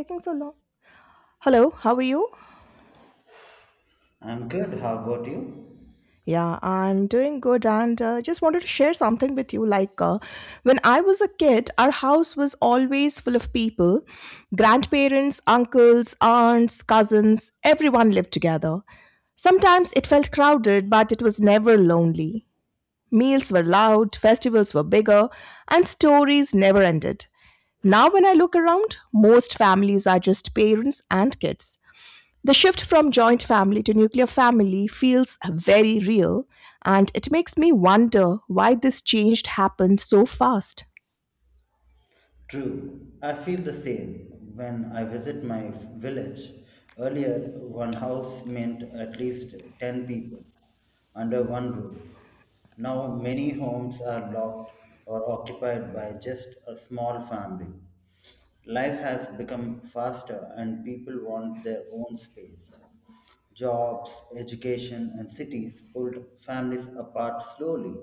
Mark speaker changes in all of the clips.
Speaker 1: Taking so long? Hello, how are you?
Speaker 2: I'm good. How about you?
Speaker 1: Yeah, I'm doing good and just wanted to share something with you. When I was a kid, our house was always full of people grandparents, uncles, aunts, cousins, everyone lived together. Sometimes it felt crowded, but it was never lonely. Meals were loud, festivals were bigger, and stories never ended. Now, when I look around, most families are just parents and kids. The shift from joint family to nuclear family feels very real, and it makes me wonder why this change happened so fast.
Speaker 2: True. I feel the same when I visit my village. Earlier, one house meant at least 10 people under one roof. Now, many homes are locked or occupied by just a small family. Life has become faster and people want their own space. Jobs, education, and cities pulled families apart slowly.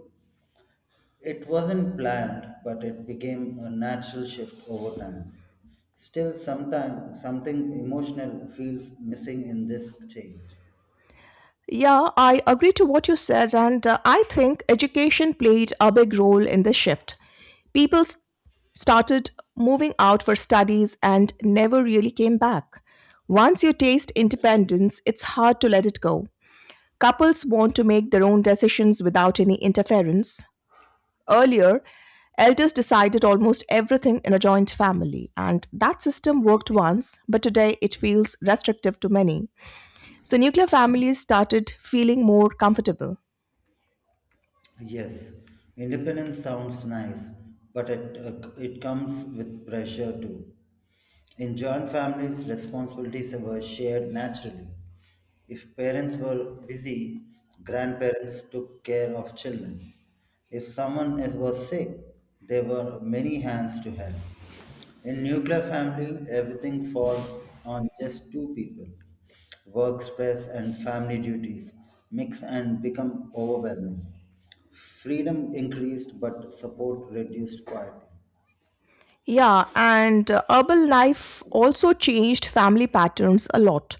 Speaker 2: It wasn't planned, but it became a natural shift over time. Still, sometimes something emotional feels missing in this change.
Speaker 1: Yeah, I agree to what you said, and I think education played a big role in the shift. People s- started moving out for studies and never really came back. Once you taste independence, it's hard to let it go. Couples want to make their own decisions without any interference. Earlier, elders decided almost everything in a joint family, and that system worked once, but today it feels restrictive to many. So, nuclear families started feeling more comfortable.
Speaker 2: Yes, independence sounds nice, but it comes with pressure too. In joint families, responsibilities were shared naturally. If parents were busy, grandparents took care of children. If was sick, there were many hands to help. In nuclear family, everything falls on just two people. Work stress and family duties mix and become overwhelming. Freedom increased, but support reduced quietly.
Speaker 1: Yeah, and urban life also changed family patterns a lot.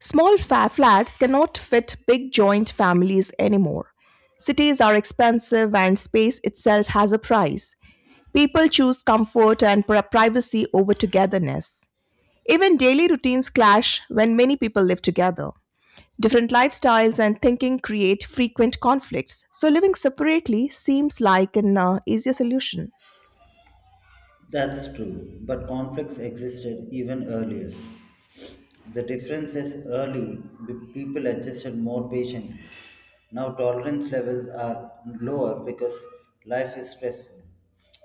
Speaker 1: Flats cannot fit big joint families anymore. Cities are expensive, and space itself has a price. People choose comfort and pri- privacy over togetherness. Even daily routines clash when many people live together. Different lifestyles and thinking create frequent conflicts, so living separately seems like an easier solution.
Speaker 2: That's true, but conflicts existed even earlier. The difference is early, people adjusted more patiently. Now tolerance levels are lower because life is stressful.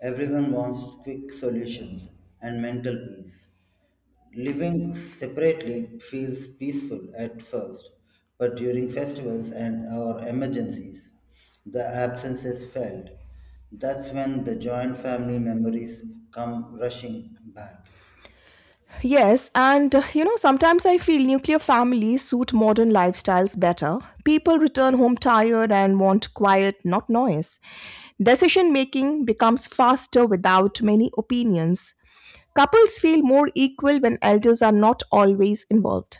Speaker 2: Everyone wants quick solutions and mental peace. Living separately feels peaceful at first, but during festivals and or emergencies, the absence is felt. That's when the joint family memories come rushing back.
Speaker 1: Yes, and sometimes I feel nuclear families suit modern lifestyles better. People return home tired and want quiet, not noise. Decision making becomes faster without many opinions. Couples feel more equal when elders are not always involved.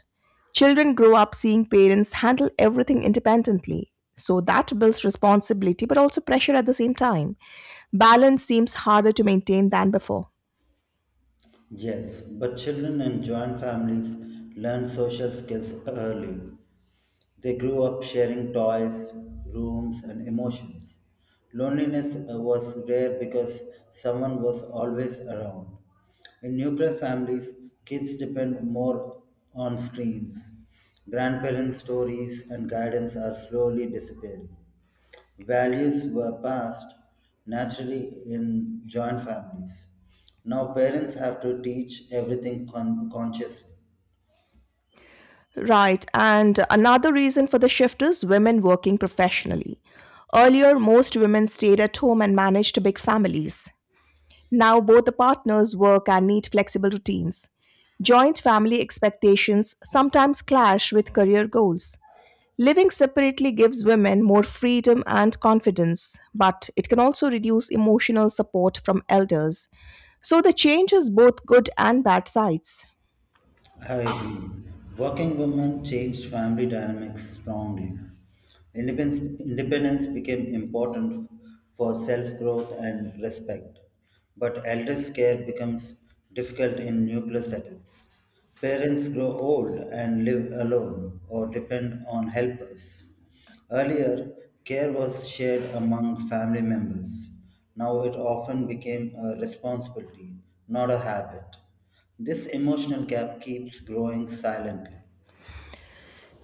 Speaker 1: Children grow up seeing parents handle everything independently. So that builds responsibility but also pressure at the same time. Balance seems harder to maintain than before.
Speaker 2: Yes, but children in joint families learn social skills early. They grew up sharing toys, rooms, and emotions. Loneliness was rare because someone was always around. In nuclear families, kids depend more on screens. Grandparents' stories and guidance are slowly disappearing. Values were passed naturally in joint families. Now parents have to teach everything consciously.
Speaker 1: Right, and another reason for the shift is women working professionally. Earlier, most women stayed at home and managed big families. Now both the partners work and need flexible routines. Joint family expectations sometimes clash with career goals. Living separately gives women more freedom and confidence, but it can also reduce emotional support from elders. So the change has both good and bad sides.
Speaker 2: I agree. Working women changed family dynamics strongly. Independence became important for self growth and respect, but elders' care becomes difficult in nuclear setups. Parents grow old and live alone or depend on helpers. Earlier, care was shared among family members. Now it often became a responsibility, not a habit. This emotional gap keeps growing silently.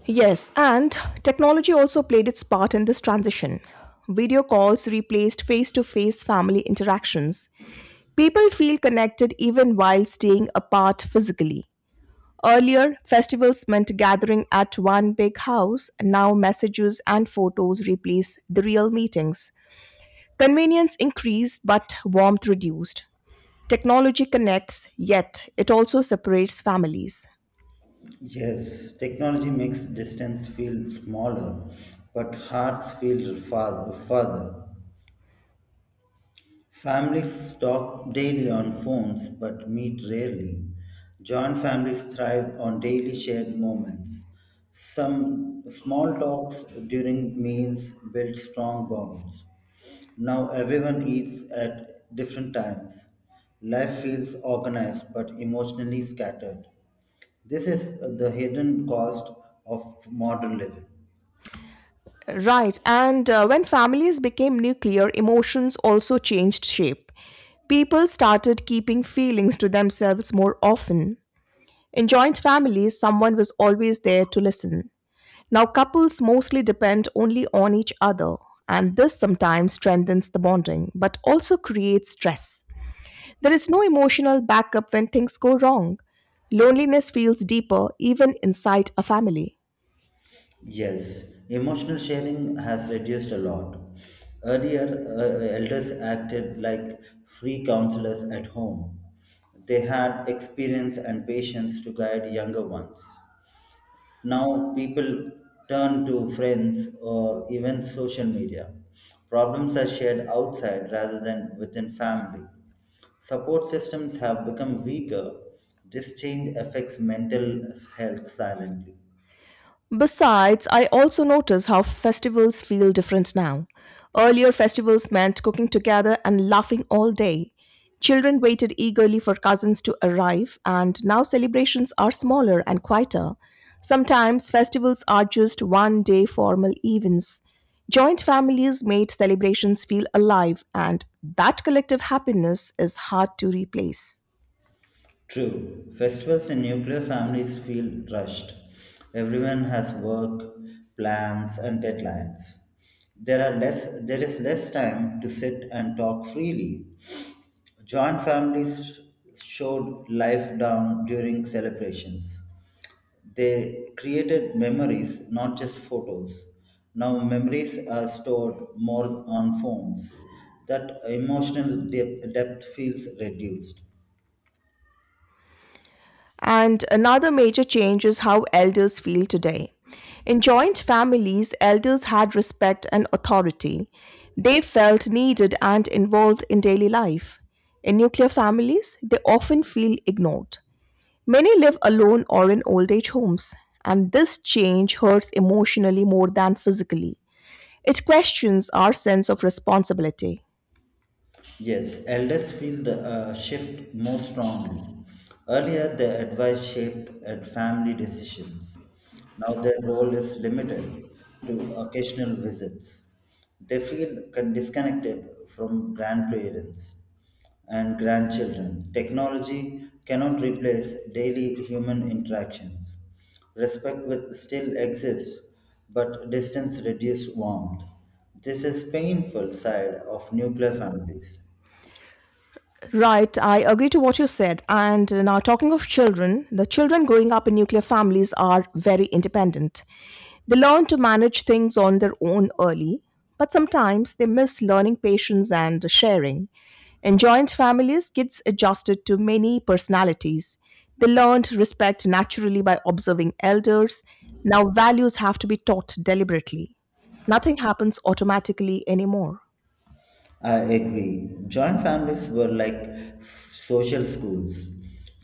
Speaker 1: Yes, and technology also played its part in this transition. Video calls replaced face to face family interactions. People feel connected even while staying apart physically. Earlier, festivals meant gathering at one big house. Now, messages and photos replace the real meetings. Convenience increased, but warmth reduced. Technology connects, yet it also separates families.
Speaker 2: Yes, technology makes distance feel smaller, but hearts feel farther. Families talk daily on phones but meet rarely. Joint families thrive on daily shared moments. Some small talks during meals build strong bonds. Now everyone eats at different times. Life feels organized but emotionally scattered. This is the hidden cost of modern living.
Speaker 1: Right. And When families became nuclear, emotions also changed shape. People started keeping feelings to themselves more often. In joint families, someone was always there to listen. Now, couples mostly depend only on each other, and this sometimes strengthens the bonding, but also creates stress. There is no emotional backup when things go wrong. Loneliness feels deeper even inside a family.
Speaker 2: Yes, emotional sharing has reduced a lot. Earlier, elders acted like free counselors at home. They had experience and patience to guide younger ones. Now, people turn to friends or even social media. Problems are shared outside rather than within family. Support systems have become weaker. This change affects mental health silently.
Speaker 1: Besides, I also notice how festivals feel different now. Earlier, festivals meant cooking together and laughing all day. Children waited eagerly for cousins to arrive, and now celebrations are smaller and quieter. Sometimes festivals are just one day formal events. Joint families made celebrations feel alive, and that collective happiness is hard to replace.
Speaker 2: True, festivals in nuclear families feel rushed. Everyone has work, plans, and deadlines. There is less time to sit and talk freely. Joint families showed life down during celebrations. They created memories, not just photos. Now memories are stored more on phones. That emotional depth feels reduced.
Speaker 1: And another major change is how elders feel today. In joint families, elders had respect and authority. They felt needed and involved in daily life. In nuclear families, they often feel ignored. Many live alone or in old age homes, and this change hurts emotionally more than physically. It questions our sense of responsibility.
Speaker 2: Yes, elders feel the shift more strongly. Earlier, their advice shaped at family decisions. Now their role is limited to occasional visits. They feel disconnected from grandparents and grandchildren. Technology cannot replace daily human interactions. Respect will still exists, but distance reduces warmth. This is painful side of nuclear families.
Speaker 1: Right, I agree to what you said. And now, talking of children, the children growing up in nuclear families are very independent. They learn to manage things on their own early, but sometimes they miss learning patience and sharing. In joint families, kids adjusted to many personalities. They learned respect naturally by observing elders. Now, values have to be taught deliberately. Nothing happens automatically anymore.
Speaker 2: I agree. Joint families were like social schools.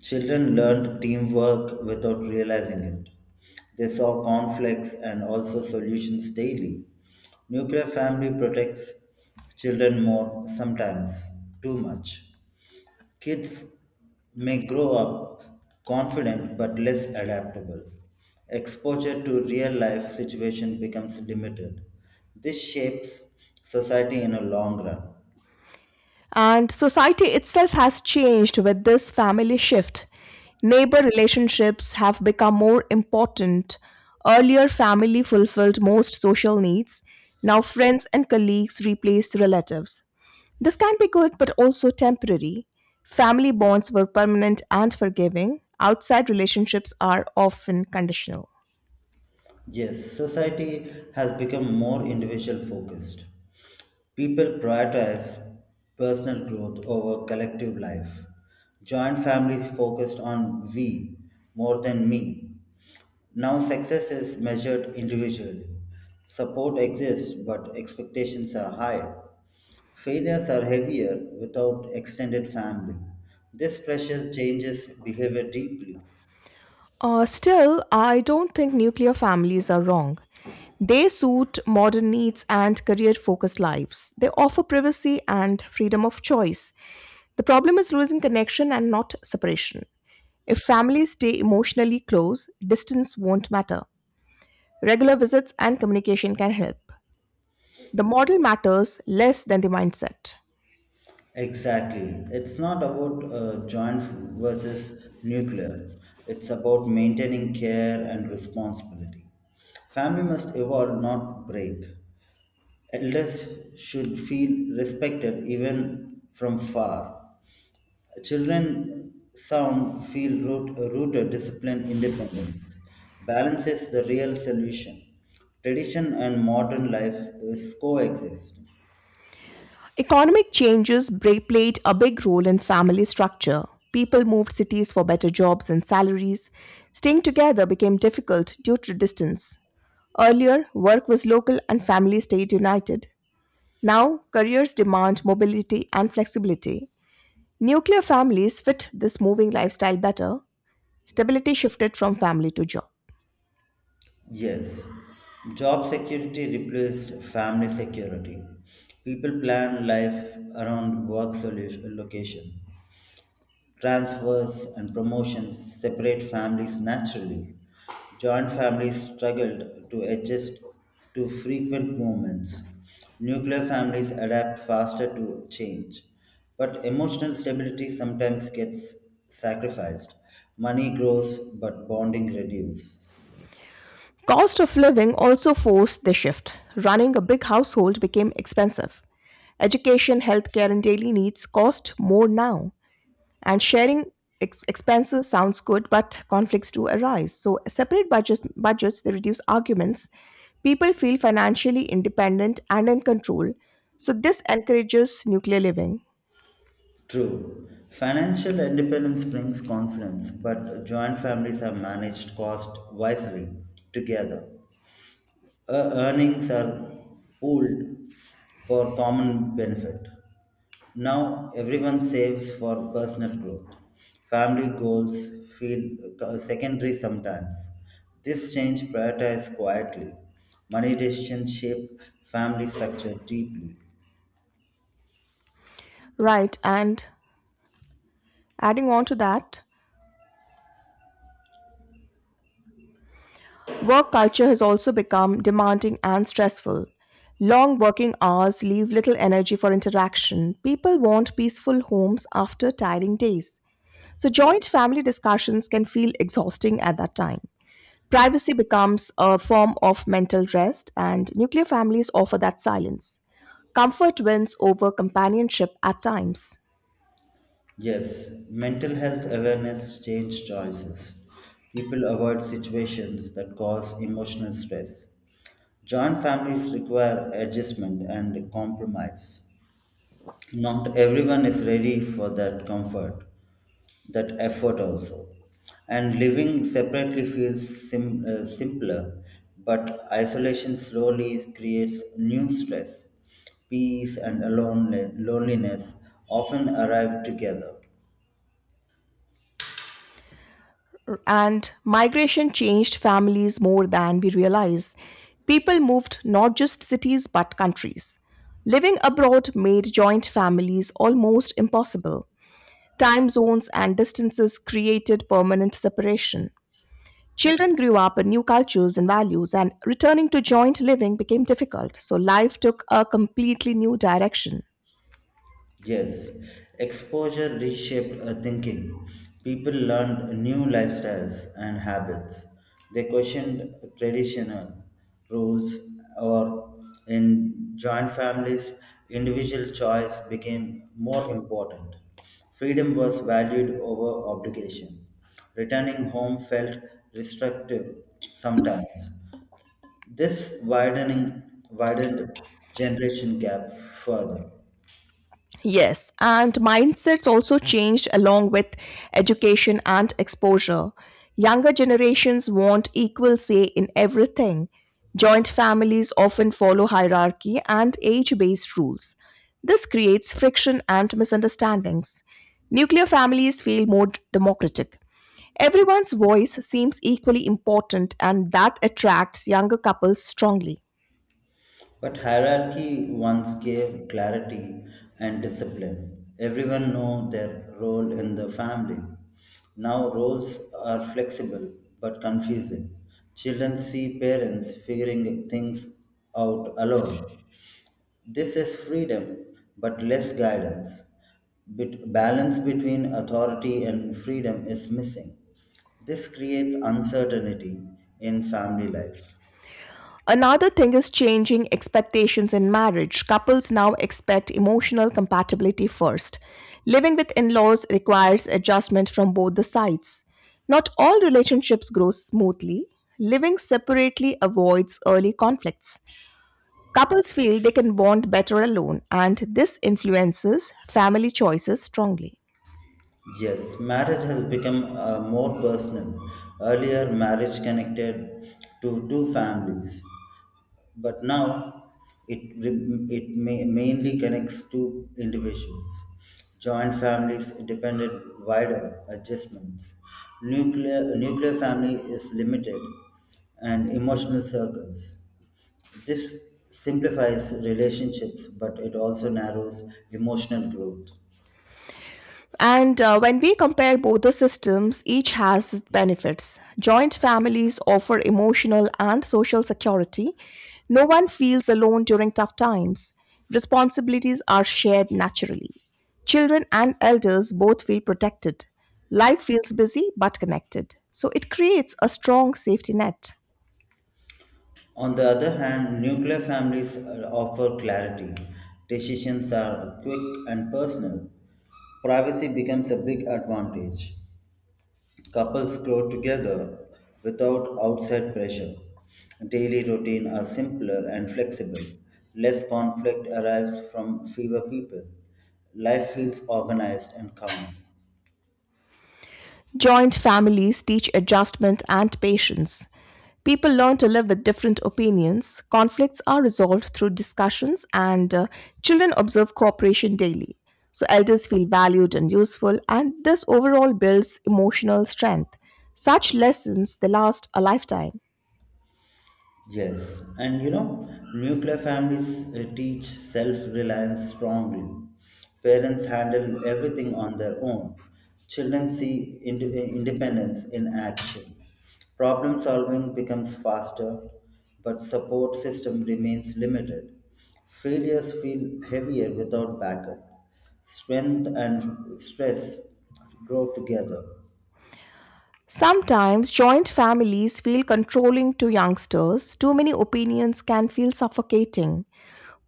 Speaker 2: Children learned teamwork without realizing it. They saw conflicts and also solutions daily. Nuclear family protects children more, sometimes too much. Kids may grow up confident but less adaptable. Exposure to real life situation becomes limited. This shapes society in a long run.
Speaker 1: And society itself has changed with this family shift. Neighbor relationships have become more important. Earlier, family fulfilled most social needs. Now, friends and colleagues replace relatives. This can be good but also temporary. Family bonds were permanent and forgiving. Outside relationships are often conditional.
Speaker 2: Yes, society has become more individual focused. People prioritize personal growth over collective life. Joint families focused on we more than me. Now success is measured individually. Support exists, but expectations are high. Failures are heavier without extended family. This pressure changes behavior deeply.
Speaker 1: Still, I don't think nuclear families are wrong. They suit modern needs and career focused lives. They offer privacy and freedom of choice. The problem is losing connection and not separation. If families stay emotionally close, distance won't matter. Regular visits and communication can help. The model matters less than the mindset.
Speaker 2: Exactly. It's not about joint versus nuclear. It's about maintaining care and responsibility. Family must evolve, not break. Elders should feel respected even from far. Children sound feel rooted discipline independence. Balance is the real solution. Tradition and modern life is coexist.
Speaker 1: Economic changes played a big role in family structure. People moved cities for better jobs and salaries. Staying together became difficult due to distance. Earlier, work was local and family stayed united. Now, careers demand mobility and flexibility. Nuclear families fit this moving lifestyle better. Stability shifted from family to job.
Speaker 2: Yes, job security replaced family security. People plan life around work solution, location. Transfers and promotions separate families naturally. Joint families struggled to adjust to frequent movements. Nuclear families adapt faster to change. But emotional stability sometimes gets sacrificed. Money grows, but bonding reduces.
Speaker 1: Cost of living also forced the shift. Running a big household became expensive. Education, healthcare, and daily needs cost more now. And sharing expenses sounds good, but conflicts do arise. So, separate budgets, budgets they reduce arguments. People feel financially independent and in control. So, this encourages nuclear living.
Speaker 2: True. Financial independence brings confidence, but joint families have managed cost wisely together. Earnings are pooled for common benefit. Now everyone saves for personal growth. Family goals feel secondary sometimes. This change prioritizes quietly. Money decisions shape family structure deeply.
Speaker 1: Right, and adding on to that, work culture has also become demanding and stressful. Long working hours leave little energy for interaction. People want peaceful homes after tiring days. So, joint family discussions can feel exhausting at that time. Privacy becomes a form of mental rest, and nuclear families offer that silence. Comfort wins over companionship at times.
Speaker 2: Yes, mental health awareness changes choices. People avoid situations that cause emotional stress. Joint families require adjustment and compromise. Not everyone is ready for that comfort, that effort also. And living separately feels simpler, but isolation slowly creates new stress. Peace and loneliness often arrive together.
Speaker 1: And migration changed families more than we realize. People moved not just cities but countries. Living abroad made joint families almost impossible. Time zones and distances created permanent separation. Children grew up in new cultures and values, and returning to joint living became difficult, so life took a completely new direction.
Speaker 2: Yes, exposure reshaped thinking. People learned new lifestyles and habits. They questioned traditional rules, or in joint families, individual choice became more important. Freedom was valued over obligation. Returning home felt restrictive sometimes. This widening widened generation gap further.
Speaker 1: Yes, and mindsets also changed along with education and exposure. Younger generations want equal say in everything. Joint families often follow hierarchy and age based rules. This creates friction and misunderstandings. Nuclear families feel more d- democratic. Everyone's voice seems equally important, and that attracts younger couples strongly.
Speaker 2: But hierarchy once gave clarity and discipline. Everyone know their role in the family. Now roles are flexible but confusing. Children see parents figuring things out alone. This is freedom but less guidance. Balance between authority and freedom is missing. This creates uncertainty in family life.
Speaker 1: Another thing is changing expectations in marriage. Couples now expect emotional compatibility first. Living with in laws requires adjustment from both the sides. Not all relationships grow smoothly. Living separately avoids early conflicts. Couples feel they can bond better alone, and this influences family choices strongly.
Speaker 2: Yes, marriage has become more personal. Earlier, marriage connected to two families, but now it mainly connects two individuals. Joint families depended wider adjustments. Nuclear family is limited, and emotional circles. This simplifies relationships, but it also narrows emotional growth.
Speaker 1: And When we compare both the systems, each has its benefits. Joint families offer emotional and social security. No one feels alone during tough times. Responsibilities are shared naturally. Children and elders both feel protected. Life feels busy but connected. So it creates a strong safety net.
Speaker 2: On the other hand, nuclear families offer clarity. Decisions are quick and personal. Privacy becomes a big advantage. Couples grow together without outside pressure. Daily routine are simpler and flexible. Less conflict arrives from fewer people. Life feels organized and calm.
Speaker 1: Joint families teach adjustment and patience. People learn to live with different opinions. Conflicts are resolved through discussions, and children observe cooperation daily. So, elders feel valued and useful, and this overall builds emotional strength. Such lessons they last a lifetime.
Speaker 2: Yes, and you know, nuclear families teach self reliance strongly. Parents handle everything on their own. Children see independence in action. Problem solving becomes faster, but support system remains limited. Failures feel heavier without backup. Strength and stress grow together.
Speaker 1: Sometimes joint families feel controlling to youngsters. Too many opinions can feel suffocating.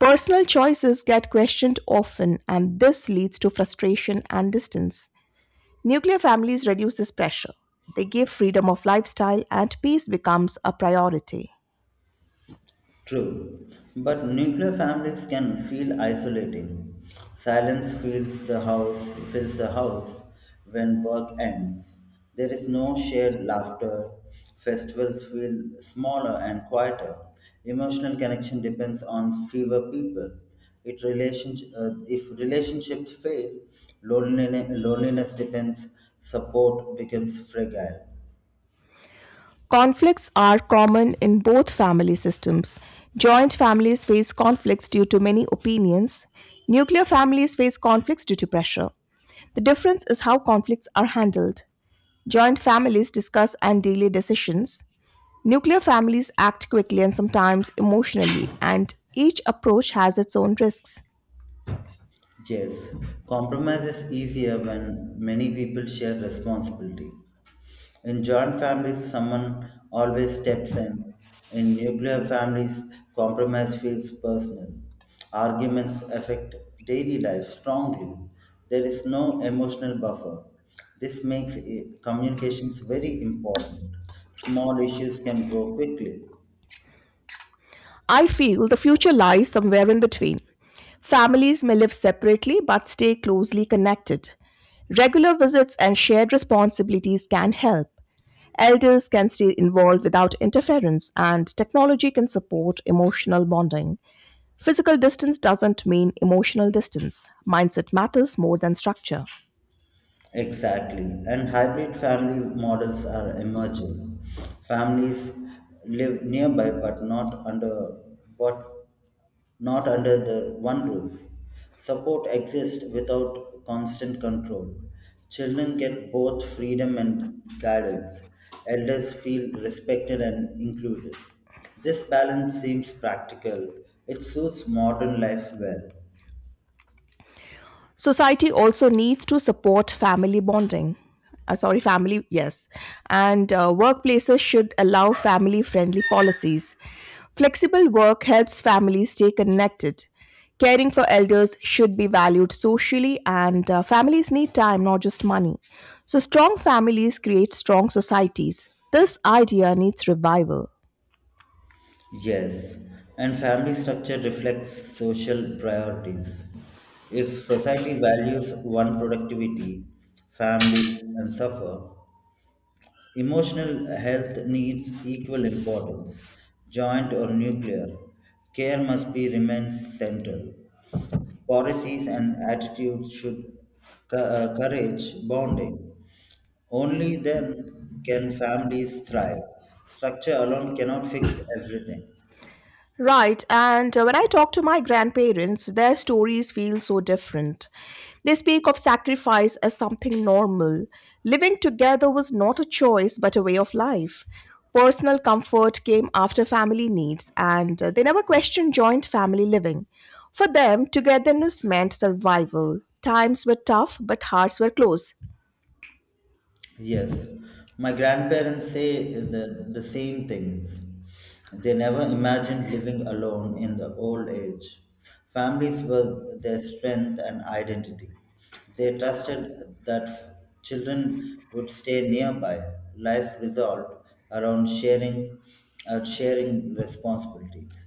Speaker 1: Personal choices get questioned often, and this leads to frustration and distance. Nuclear families reduce this pressure. They give freedom of lifestyle, and peace becomes a priority.
Speaker 2: True, but nuclear families can feel isolating. Silence fills the house when work ends. There is no shared laughter. Festivals feel smaller and quieter. Emotional connection depends on fewer people. If relationships fail, loneliness depends. Support becomes fragile.
Speaker 1: Conflicts are common in both family systems. Joint families face conflicts due to many opinions. Nuclear families face conflicts due to pressure. The difference is how conflicts are handled. Joint families discuss and delay decisions. Nuclear families act quickly and sometimes emotionally, and each approach has its own risks.
Speaker 2: Yes, compromise is easier when many people share responsibility. In joint families, someone always steps in. In nuclear families, compromise feels personal. Arguments affect daily life strongly. There is no emotional buffer. This makes communications very important. Small issues can grow quickly.
Speaker 1: I feel the future lies somewhere in between. Families may live separately but stay closely connected. Regular visits and shared responsibilities can help. Elders can stay involved without interference, and technology can support emotional bonding. Physical distance doesn't mean emotional distance. Mindset matters more than structure.
Speaker 2: Exactly. And hybrid family models are emerging. Families live nearby but not under the one roof. Support exists without constant control. Children get both freedom and guidance. Elders feel respected and included. This balance seems practical. It suits modern life well.
Speaker 1: Society also needs to support family bonding. Sorry, family, yes. And Workplaces should allow family friendly policies. Flexible work helps families stay connected. Caring for elders should be valued socially, and families need time, not just money. So, strong families create strong societies. This idea needs revival.
Speaker 2: Yes, and family structure reflects social priorities. If society values one productivity, families and suffer, emotional health needs equal importance, joint or nuclear. Care must be remains central. Policies and attitudes should courage bonding. Only then can families thrive. Structure alone cannot fix everything.
Speaker 1: Right, and when I talk to my grandparents, their stories feel so different. They speak of sacrifice as something normal. Living together was not a choice but a way of life. Personal comfort came after family needs, and they never questioned joint family living. For them, togetherness meant survival. Times were tough, but hearts were close.
Speaker 2: Yes, my grandparents say the same things. They never imagined living alone in the old age. Families were their strength and identity. They trusted that children would stay nearby. Life resolved around sharing responsibilities.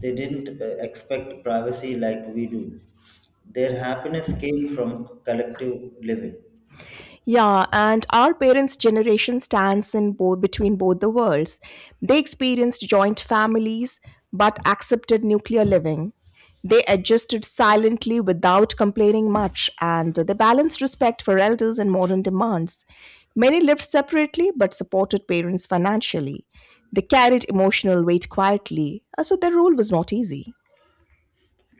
Speaker 2: They didn't expect privacy like we do. Their happiness came from collective living.
Speaker 1: Yeah, and our parents' generation stands in both between both the worlds. They experienced joint families but accepted nuclear living. They adjusted silently without complaining much, and they balanced respect for elders and modern demands. Many lived separately but supported parents financially. They carried emotional weight quietly, so their role was not easy.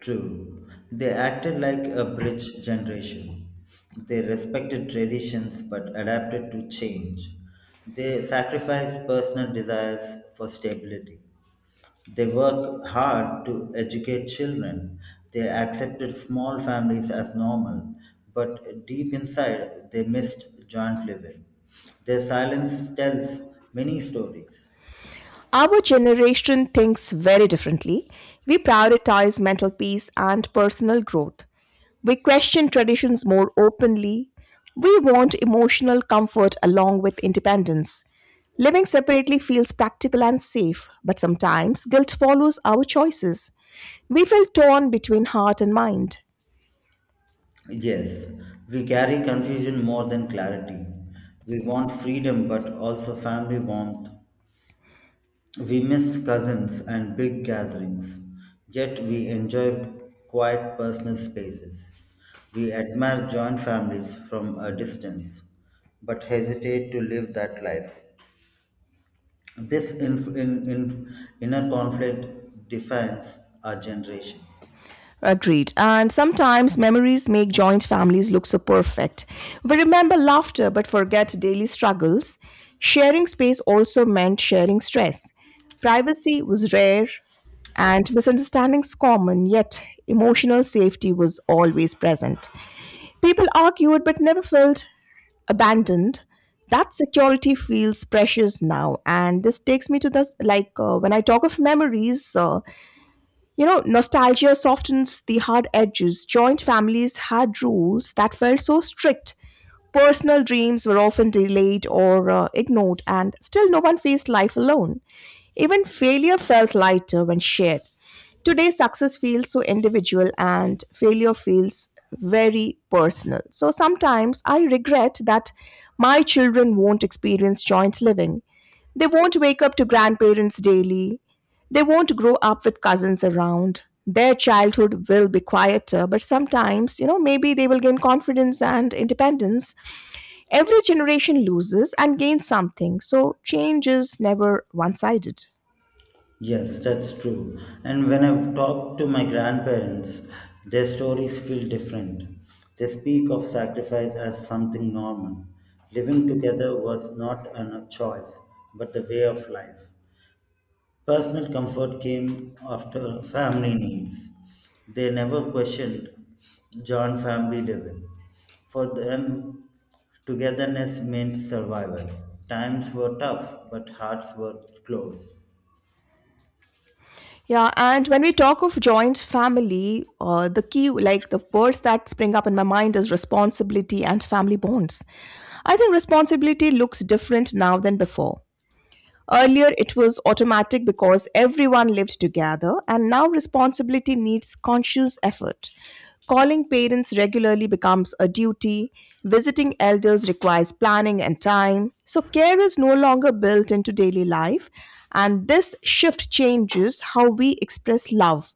Speaker 2: True. They acted like a bridge generation. They respected traditions but adapted to change. They sacrificed personal desires for stability. They worked hard to educate children. They accepted small families as normal, but deep inside they missed joint living. Their silence tells many stories.
Speaker 1: Our generation thinks very differently. We prioritize mental peace and personal growth. We question traditions more openly. We want emotional comfort along with independence. Living separately feels practical and safe, but sometimes guilt follows our choices. We feel torn between heart and mind.
Speaker 2: Yes, we carry confusion more than clarity. We want freedom but also family warmth. We miss cousins and big gatherings, yet we enjoy quiet personal spaces. We admire joint families from a distance but hesitate to live that life. This inner conflict defines our generation.
Speaker 1: Agreed. And sometimes memories make joint families look so perfect. We remember laughter but forget daily struggles. Sharing space also meant sharing stress. Privacy was rare and misunderstandings common, yet emotional safety was always present. People argued but never felt abandoned. That security feels precious now, and this takes me to the like when I talk of memories, nostalgia softens the hard edges. Joint families had rules that felt so strict. Personal dreams were often delayed or ignored, and still no one faced life alone. Even failure felt lighter when shared. Today, success feels so individual and failure feels very personal. So sometimes I regret that my children won't experience joint living. They won't wake up to grandparents daily. They won't grow up with cousins around. Their childhood will be quieter, but sometimes, maybe they will gain confidence and independence. Every generation loses and gains something, so change is never one sided.
Speaker 2: Yes, that's true. And when I've talked to my grandparents, their stories feel different. They speak of sacrifice as something normal. Living together was not a choice, but the way of life. Personal comfort came after family needs. They never questioned John family living. For them, togetherness meant survival. Times were tough, but hearts were close.
Speaker 1: Yeah, and when we talk of joint family, the key, like, the words that spring up in my mind, is responsibility and family bonds. I think responsibility looks different now than before. Earlier, it was automatic because everyone lived together, and now responsibility needs conscious effort. Calling parents regularly becomes a duty, visiting elders requires planning and time. So, care is no longer built into daily life, and this shift changes how we express love.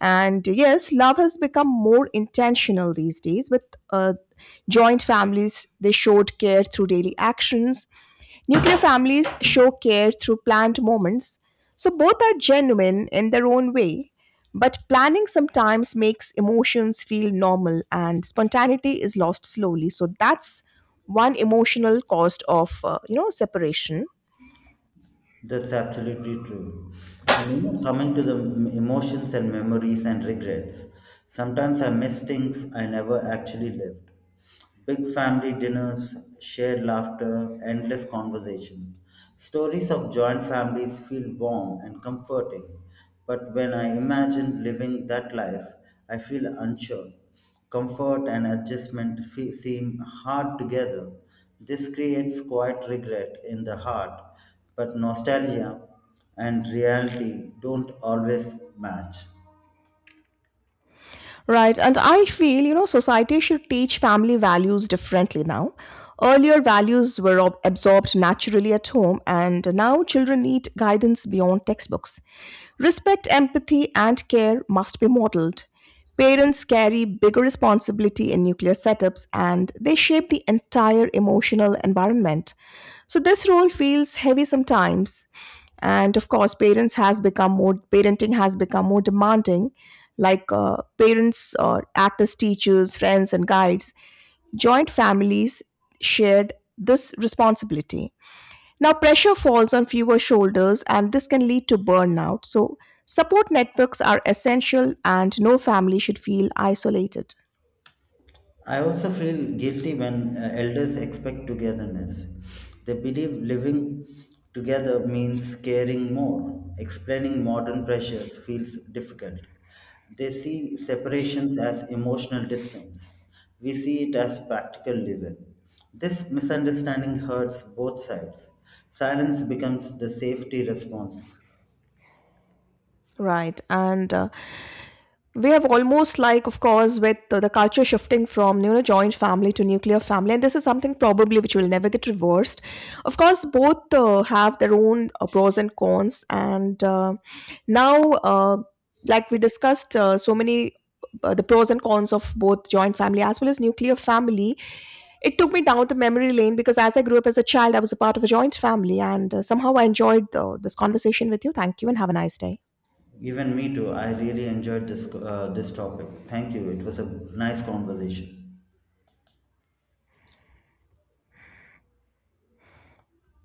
Speaker 1: And yes, love has become more intentional these days with uh, joint families they showed care through daily actions. Nuclear families show care through planned moments, so both are genuine in their own way. But planning sometimes makes emotions feel normal and spontaneity is lost slowly. So that's one emotional cost of separation.
Speaker 2: That's absolutely true. And you know, coming to the emotions and memories and regrets, sometimes I miss things I never actually lived. Big family dinners, shared laughter, endless conversation. Stories of joint families feel warm and comforting, but when I imagine living that life, I feel unsure. Comfort and adjustment seem hard together. This creates quiet regret in the heart but nostalgia and reality don't always match.
Speaker 1: Right, and I feel society should teach family values differently now. Earlier values were ob- absorbed naturally at home, and now children need guidance beyond textbooks. Respect, empathy, and care must be modeled. Parents carry bigger responsibility in nuclear setups and they shape the entire emotional environment. So this role feels heavy sometimes. And of course, parents has become more parenting has become more demanding. Parents or actors, teachers, friends, and guides, joint families shared this responsibility. Now, pressure falls on fewer shoulders, and this can lead to burnout. So, support networks are essential, and no family should feel isolated.
Speaker 2: I also feel guilty when elders expect togetherness. They believe living together means caring more. Explaining modern pressures feels difficult. They see separations as emotional distance. We see it as practical living. This misunderstanding hurts both sides. Silence becomes the safety response.
Speaker 1: Right. And We have almost like of course with the culture shifting from joint family to nuclear family, and this is something probably which will never get reversed. Of course both have their own pros and cons, and now uh, like we discussed so many the pros and cons of both joint family as well as nuclear family. It took me down the memory lane because as I grew up as a child I was a part of a joint family, and somehow I enjoyed this conversation with you. Thank you and have a nice day.
Speaker 2: Even me too. I really enjoyed this topic. Thank you. It was a nice conversation.